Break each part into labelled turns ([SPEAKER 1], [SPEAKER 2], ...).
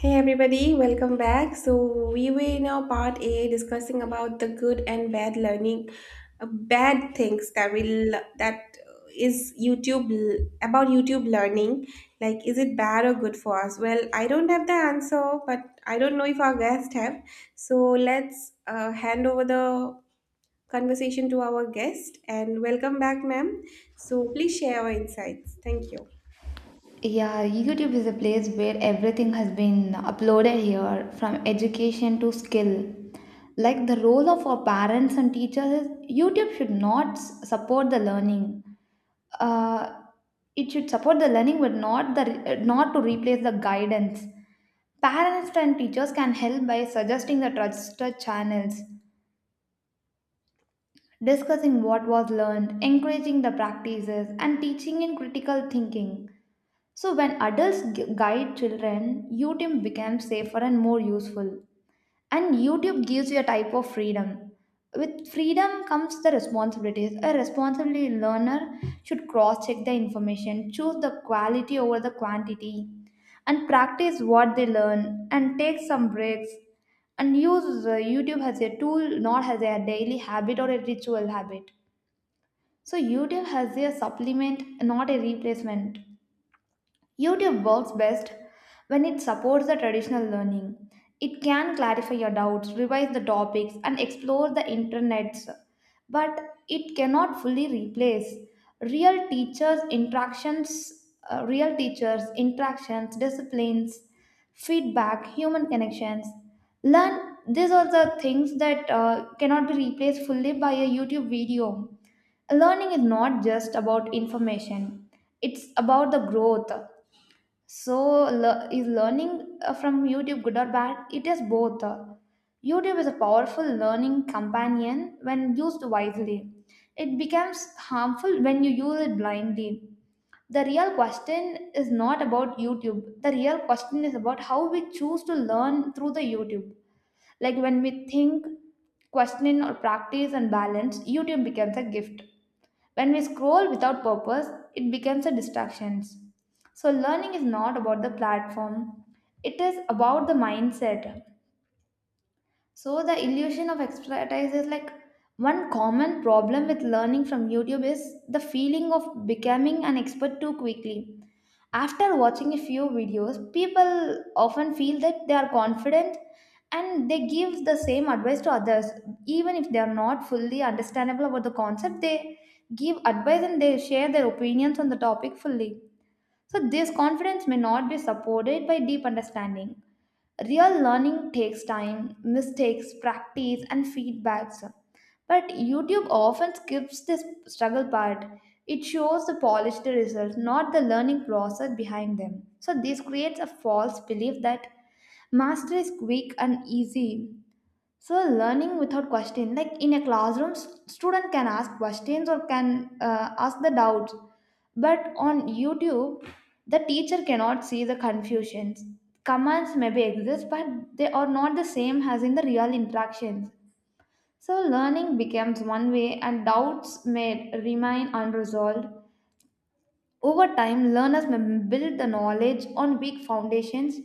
[SPEAKER 1] Hey everybody, welcome back. So we were in our part A discussing about the good and bad learning, bad things that will that is YouTube l- about YouTube learning. Like, is it bad or good for us? Well, I don't have the answer, but I don't know if our guest have. So let's hand over the conversation to our guest and welcome back, ma'am. So please share your insights. Thank you.
[SPEAKER 2] Yeah, YouTube is a place where everything has been uploaded here, from education to skill. Like the role of our parents and teachers is YouTube should not support the learning. Uh, it should support the learning, but not to replace the guidance. Parents and teachers can help by suggesting the trusted channels, discussing what was learned, encouraging the practices, and teaching in critical thinking. So, when adults guide children, YouTube becomes safer and more useful. And YouTube gives you a type of freedom. With freedom comes the responsibilities. A responsible learner should cross check the information, choose the quality over the quantity, and practice what they learn, and take some breaks, and use YouTube as a tool, not as a daily habit or a ritual habit. So, YouTube has a supplement, not a replacement. YouTube works best when it supports the traditional learning. It can clarify your doubts, revise the topics, and explore the internets, but it cannot fully replace real teachers' interactions, disciplines, feedback, human connections. Learn these are the things that cannot be replaced fully by a YouTube video. Learning is not just about information, it's about the growth. So, is learning from YouTube good or bad? It is both. YouTube is a powerful learning companion when used wisely. It becomes harmful when you use it blindly. The real question is not about YouTube. The real question is about how we choose to learn through the YouTube. Like when we think, question, or practice and balance, YouTube becomes a gift. When we scroll without purpose, it becomes a distraction. So learning is not about the platform, it is about the mindset. So the illusion of expertise is like one common problem with learning from YouTube is the feeling of becoming an expert too quickly. After watching a few videos, people often feel that they are confident and they give the same advice to others. Even if they are not fully understandable about the concept, they give advice and they share their opinions on the topic fully. So, this confidence may not be supported by deep understanding. Real learning takes time, mistakes, practice, and feedbacks. But YouTube often skips this struggle part. It shows the polished results, not the learning process behind them. So, this creates a false belief that mastery is quick and easy. So learning without question, like in a classroom, student can ask questions or can ask the doubts. But on YouTube, the teacher cannot see the confusions. Commands maybe exist, but they are not the same as in the real interactions. So learning becomes one way, and doubts may remain unresolved. Over time, learners may build the knowledge on weak foundations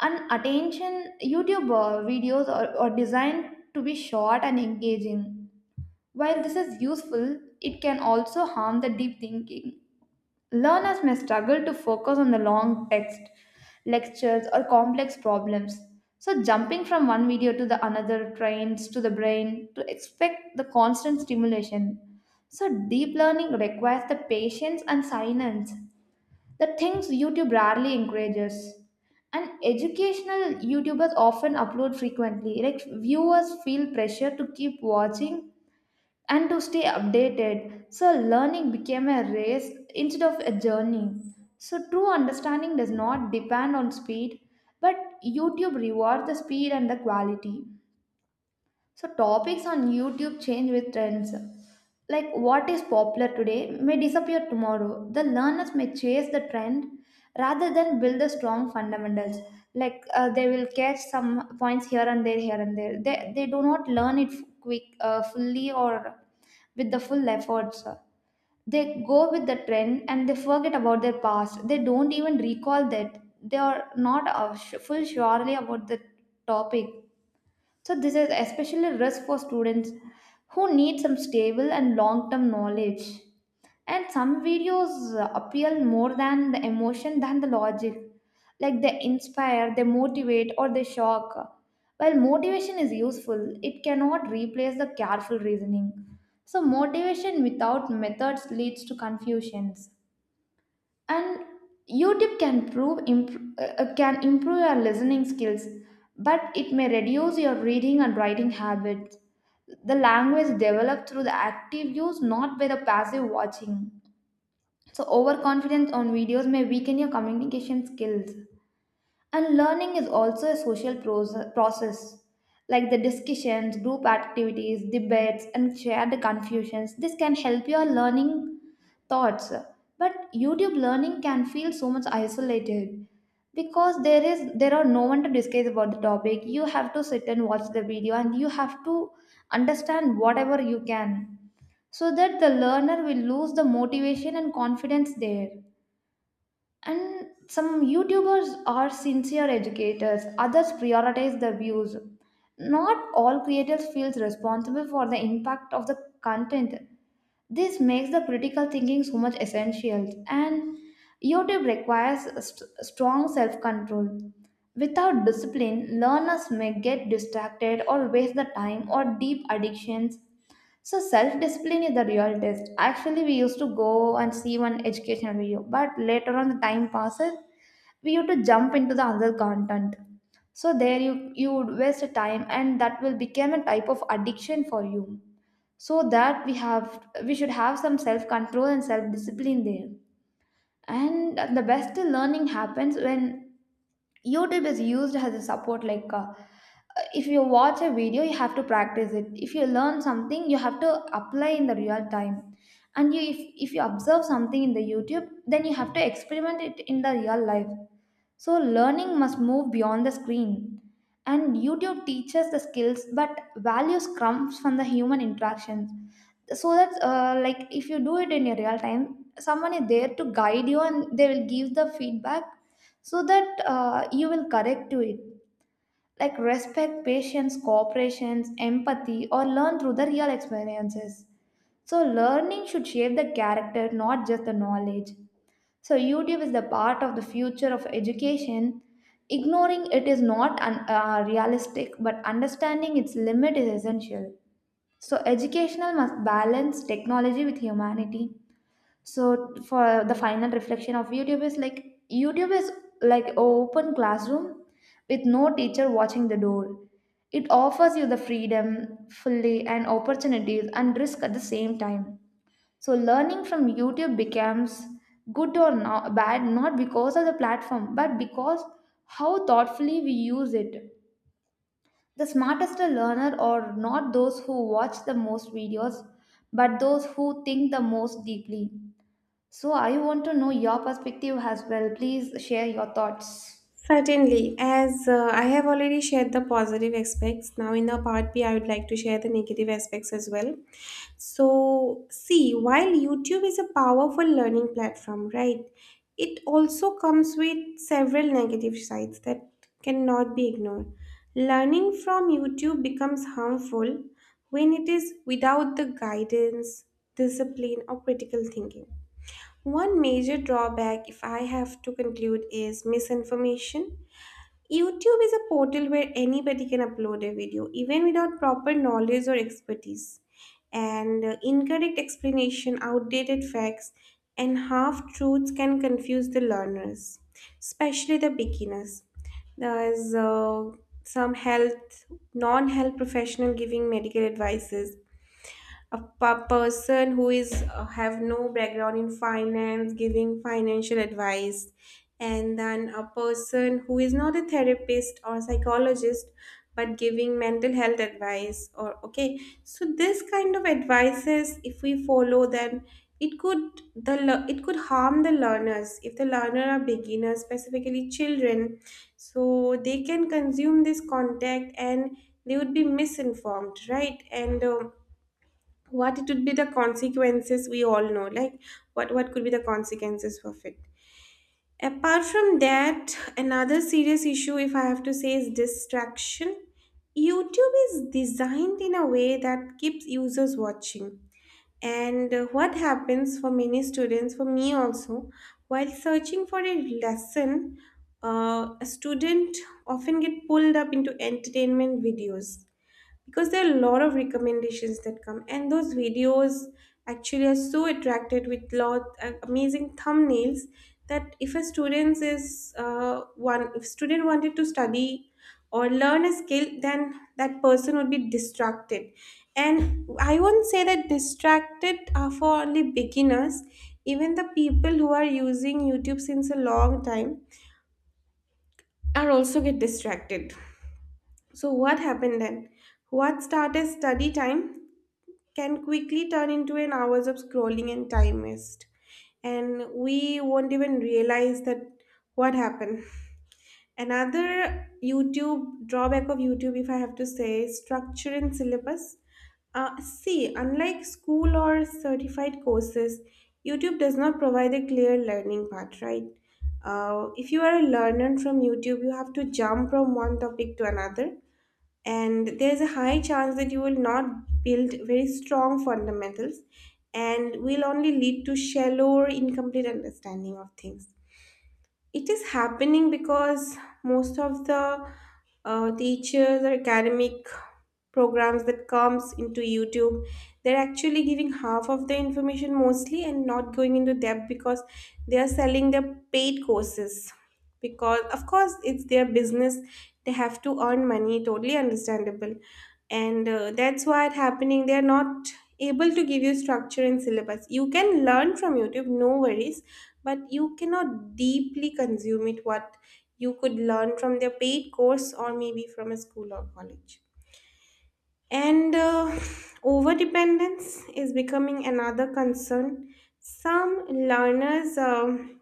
[SPEAKER 2] and attention. YouTube videos are designed to be short and engaging. While this is useful, it can also harm the deep thinking. Learners may struggle to focus on the long text, lectures, or complex problems. So, jumping from one video to the another trains to the brain to expect the constant stimulation. So, deep learning requires the patience and silence the things YouTube rarely encourages. And educational YouTubers often upload frequently. Like viewers feel pressure to keep watching and to stay updated. So learning became a race instead of a journey. So true understanding does not depend on speed, but YouTube rewards the speed and the quality. So topics on YouTube change with trends. Like what is popular today may disappear tomorrow. The learners may chase the trend rather than build the strong fundamentals. Like they will catch some points here and there, here and there. They do not learn it fully or with the full efforts. They go with the trend and they forget about their past. They don't even recall that they are not sh- full surely about the topic. So this is especially risk for students who need some stable and long-term knowledge. And some videos appeal more than the emotion than the logic. Like they inspire, they motivate, or they shock. While motivation is useful, it cannot replace the careful reasoning. So motivation without methods leads to confusions. And YouTube can improve your listening skills, but it may reduce your reading and writing habits. The language developed through the active use, not by the passive watching. So overconfidence on videos may weaken your communication skills. And learning is also a social process, like the discussions, group activities, debates, and shared confusions. This can help your learning thoughts. But YouTube learning can feel so much isolated because there are no one to discuss about the topic. You have to sit and watch the video, and you have to understand whatever you can, so that the learner will lose the motivation and confidence there. And some YouTubers are sincere educators, others prioritize their views. Not all creators feels responsible for the impact of the content. This makes the critical thinking so much essential. And YouTube requires a strong self-control. Without discipline, learners may get distracted or waste the time or deep addictions. So self discipline is the real test. Actually, we used to go and see one educational video, but later on the time passes, we used to jump into the other content. So there you would waste time, and that will become a type of addiction for you. So that we should have some self control and self discipline there. And the best learning happens when YouTube is used as a support, like if you watch a video you have to practice it. If you learn something you have to apply in the real time. And you if you observe something in the YouTube then you have to experiment it in the real life. So learning must move beyond the screen. And YouTube teaches the skills, but values comes from the human interactions. So that's like if you do it in your real time, someone is there to guide you and they will give the feedback, so that you will correct to it, like respect, patience, cooperations, empathy, or learn through the real experiences. So, learning should shape the character, not just the knowledge. So, YouTube is the part of the future of education. Ignoring it is not realistic, but understanding its limit is essential. So, educational must balance technology with humanity. So for the final reflection of YouTube is like a open classroom with no teacher watching the door. It offers you the freedom fully and opportunities and risk at the same time. So learning from YouTube becomes good or not bad not because of the platform but because how thoughtfully we use it. The smartest learner are not those who watch the most videos but those who think the most deeply. So I want to know your perspective as well. Please share your thoughts.
[SPEAKER 1] Certainly, as I have already shared the positive aspects, now in the part B, I would like to share the negative aspects as well. So, see, while YouTube is a powerful learning platform, right, it also comes with several negative sides that cannot be ignored. Learning from YouTube becomes harmful when it is without the guidance, discipline, or critical thinking. One major drawback, if I have to conclude, is misinformation. YouTube is a portal where anybody can upload a video, even without proper knowledge or expertise. And Incorrect explanation, outdated facts, and half truths can confuse the learners, especially the beginners. There is some health, non health professional giving medical advices, a person who is have no background in finance giving financial advice, and then a person who is not a therapist or psychologist but giving mental health advice, or okay. So this kind of advices, if we follow, then it could it could harm the learners if the learner are beginners, specifically children. So they can consume this contact and they would be misinformed, right? And what it would be the consequences, we all know. Like what could be the consequences of it? Apart from that, another serious issue, if I have to say, is distraction. YouTube is designed in a way that keeps users watching, and what happens for many students, for me also, while searching for a lesson, a student often get pulled up into entertainment videos, because there are a lot of recommendations that come, and those videos actually are so attracted with lot amazing thumbnails, that if a student is one if student wanted to study or learn a skill, then that person would be distracted. And I won't say that distracted are for only beginners. Even the people who are using YouTube since a long time are also get distracted. So what happened then, what started study time can quickly turn into an hours of scrolling and time waste, and we won't even realize that what happened. another youtube drawback of YouTube, if I have to say, is structure and syllabus. See, unlike school or certified courses, YouTube does not provide a clear learning path, right? If you are a learner from YouTube, you have to jump from one topic to another, and there's a high chance that you will not build very strong fundamentals, and will only lead to shallow or incomplete understanding of things. It is happening because most of the teachers or academic programs that comes into YouTube, they're actually giving half of the information mostly, and not going into depth because they are selling their paid courses. Because of course it's their business, they have to earn money. Totally understandable. And That's why it's happening. They are not able to give you structure and syllabus. You can learn from YouTube, no worries, but you cannot deeply consume it what you could learn from their paid course, or maybe from a school or college. And Overdependence is becoming another concern. Some learners,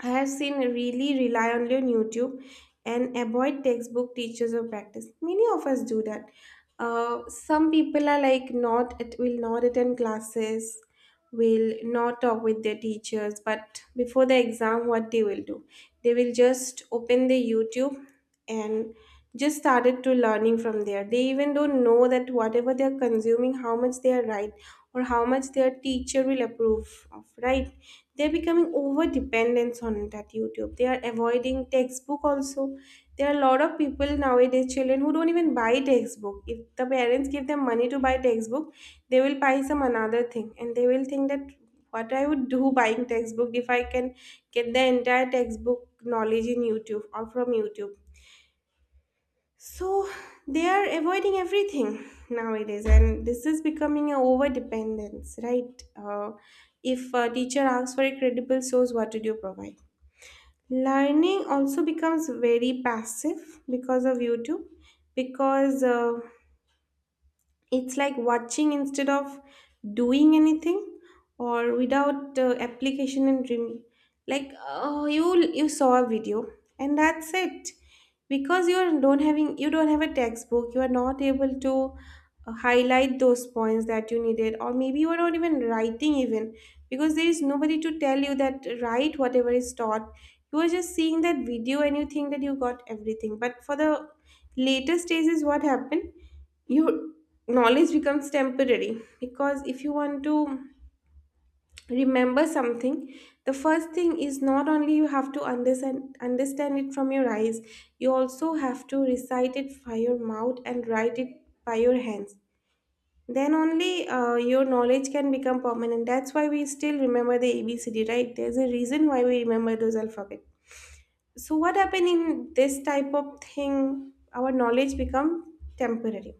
[SPEAKER 1] I have seen, really rely on your YouTube and avoid textbook, teachers, or practice. Many of us do that. Some people are like not, it will not attend classes, will not talk with their teachers, but before the exam, what they will do? They will just open the YouTube and just started to learning from there. They even don't know that whatever they are consuming, how much they are right, or how much their teacher will approve of, right? They're becoming over dependence on that YouTube. They are avoiding textbook also. There are a lot of people nowadays, children, who don't even buy textbook. If the parents give them money to buy textbook, they will buy some another thing, and they will think that what I would do buying textbook if I can get the entire textbook knowledge in YouTube or from YouTube. So they are avoiding everything nowadays, and this is becoming a over dependence, right? If a teacher asks for a credible source, what did you provide? Learning also becomes very passive because of YouTube, because it's like watching instead of doing anything, or without application and dreaming. Like, oh, you saw a video and that's it. Because you are don't having you don't have a textbook, you are not able to highlight those points that you needed, or maybe you are not even writing even, because there is nobody to tell you that write whatever is taught. You are just seeing that video and you think that you got everything, but for the later stages, what happened, your knowledge becomes temporary. Because if you want to remember something, the first thing is not only you have to understand it from your eyes, you also have to recite it by your mouth and write it by your hands. Then only your knowledge can become permanent. That's why we still remember the ABCD, right? There's a reason why we remember those alphabet. So what happened in this type of thing, our knowledge become temporary.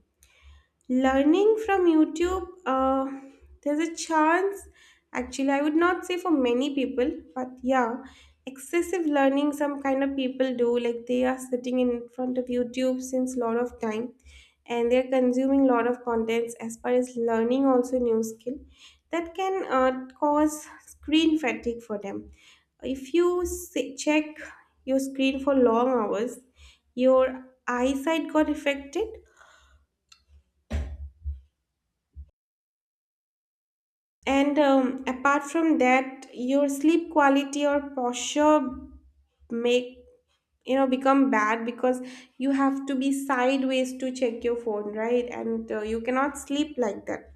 [SPEAKER 1] Learning from YouTube, there's a chance, actually, I would not say for many people, but yeah, excessive learning some kind of people do. Like they are sitting in front of YouTube since lot of time, and they're consuming lot of contents as far as learning also new skill, that can cause screen fatigue for them. If you check your screen for long hours, your eyesight got affected. And Apart from that, your sleep quality or posture make, you know, become bad because you have to be sideways to check your phone, right? And You cannot sleep like that.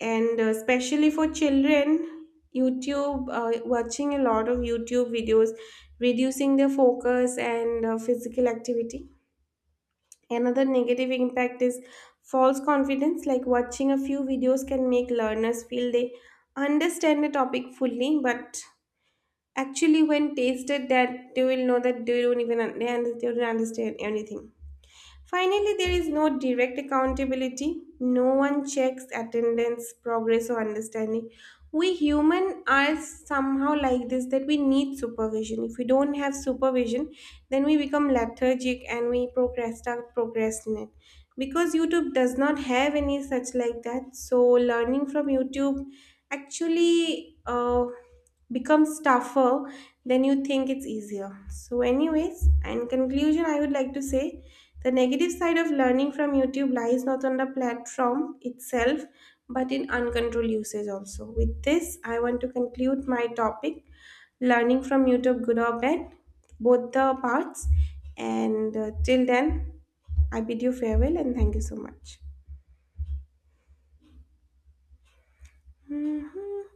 [SPEAKER 1] And Especially for children, YouTube watching a lot of YouTube videos, reducing their focus and physical activity. Another negative impact is false confidence, like watching a few videos can make learners feel they understand the topic fully, but actually, when tasted that, they will know that they don't even they don't understand anything. Finally, there is no direct accountability. No one checks attendance, progress, or understanding. We human are somehow like this, that we need supervision. If we don't have supervision, then we become lethargic and we procrastinate, because YouTube does not have any such like that. So learning from YouTube actually becomes tougher than you think it's easier. So anyways, in conclusion, I would like to say the negative side of learning from YouTube lies not on the platform itself, but in uncontrolled usage. Also, with this I want to conclude my topic, learning from YouTube good or bad, both the parts. And Till then, I bid you farewell and thank you so much.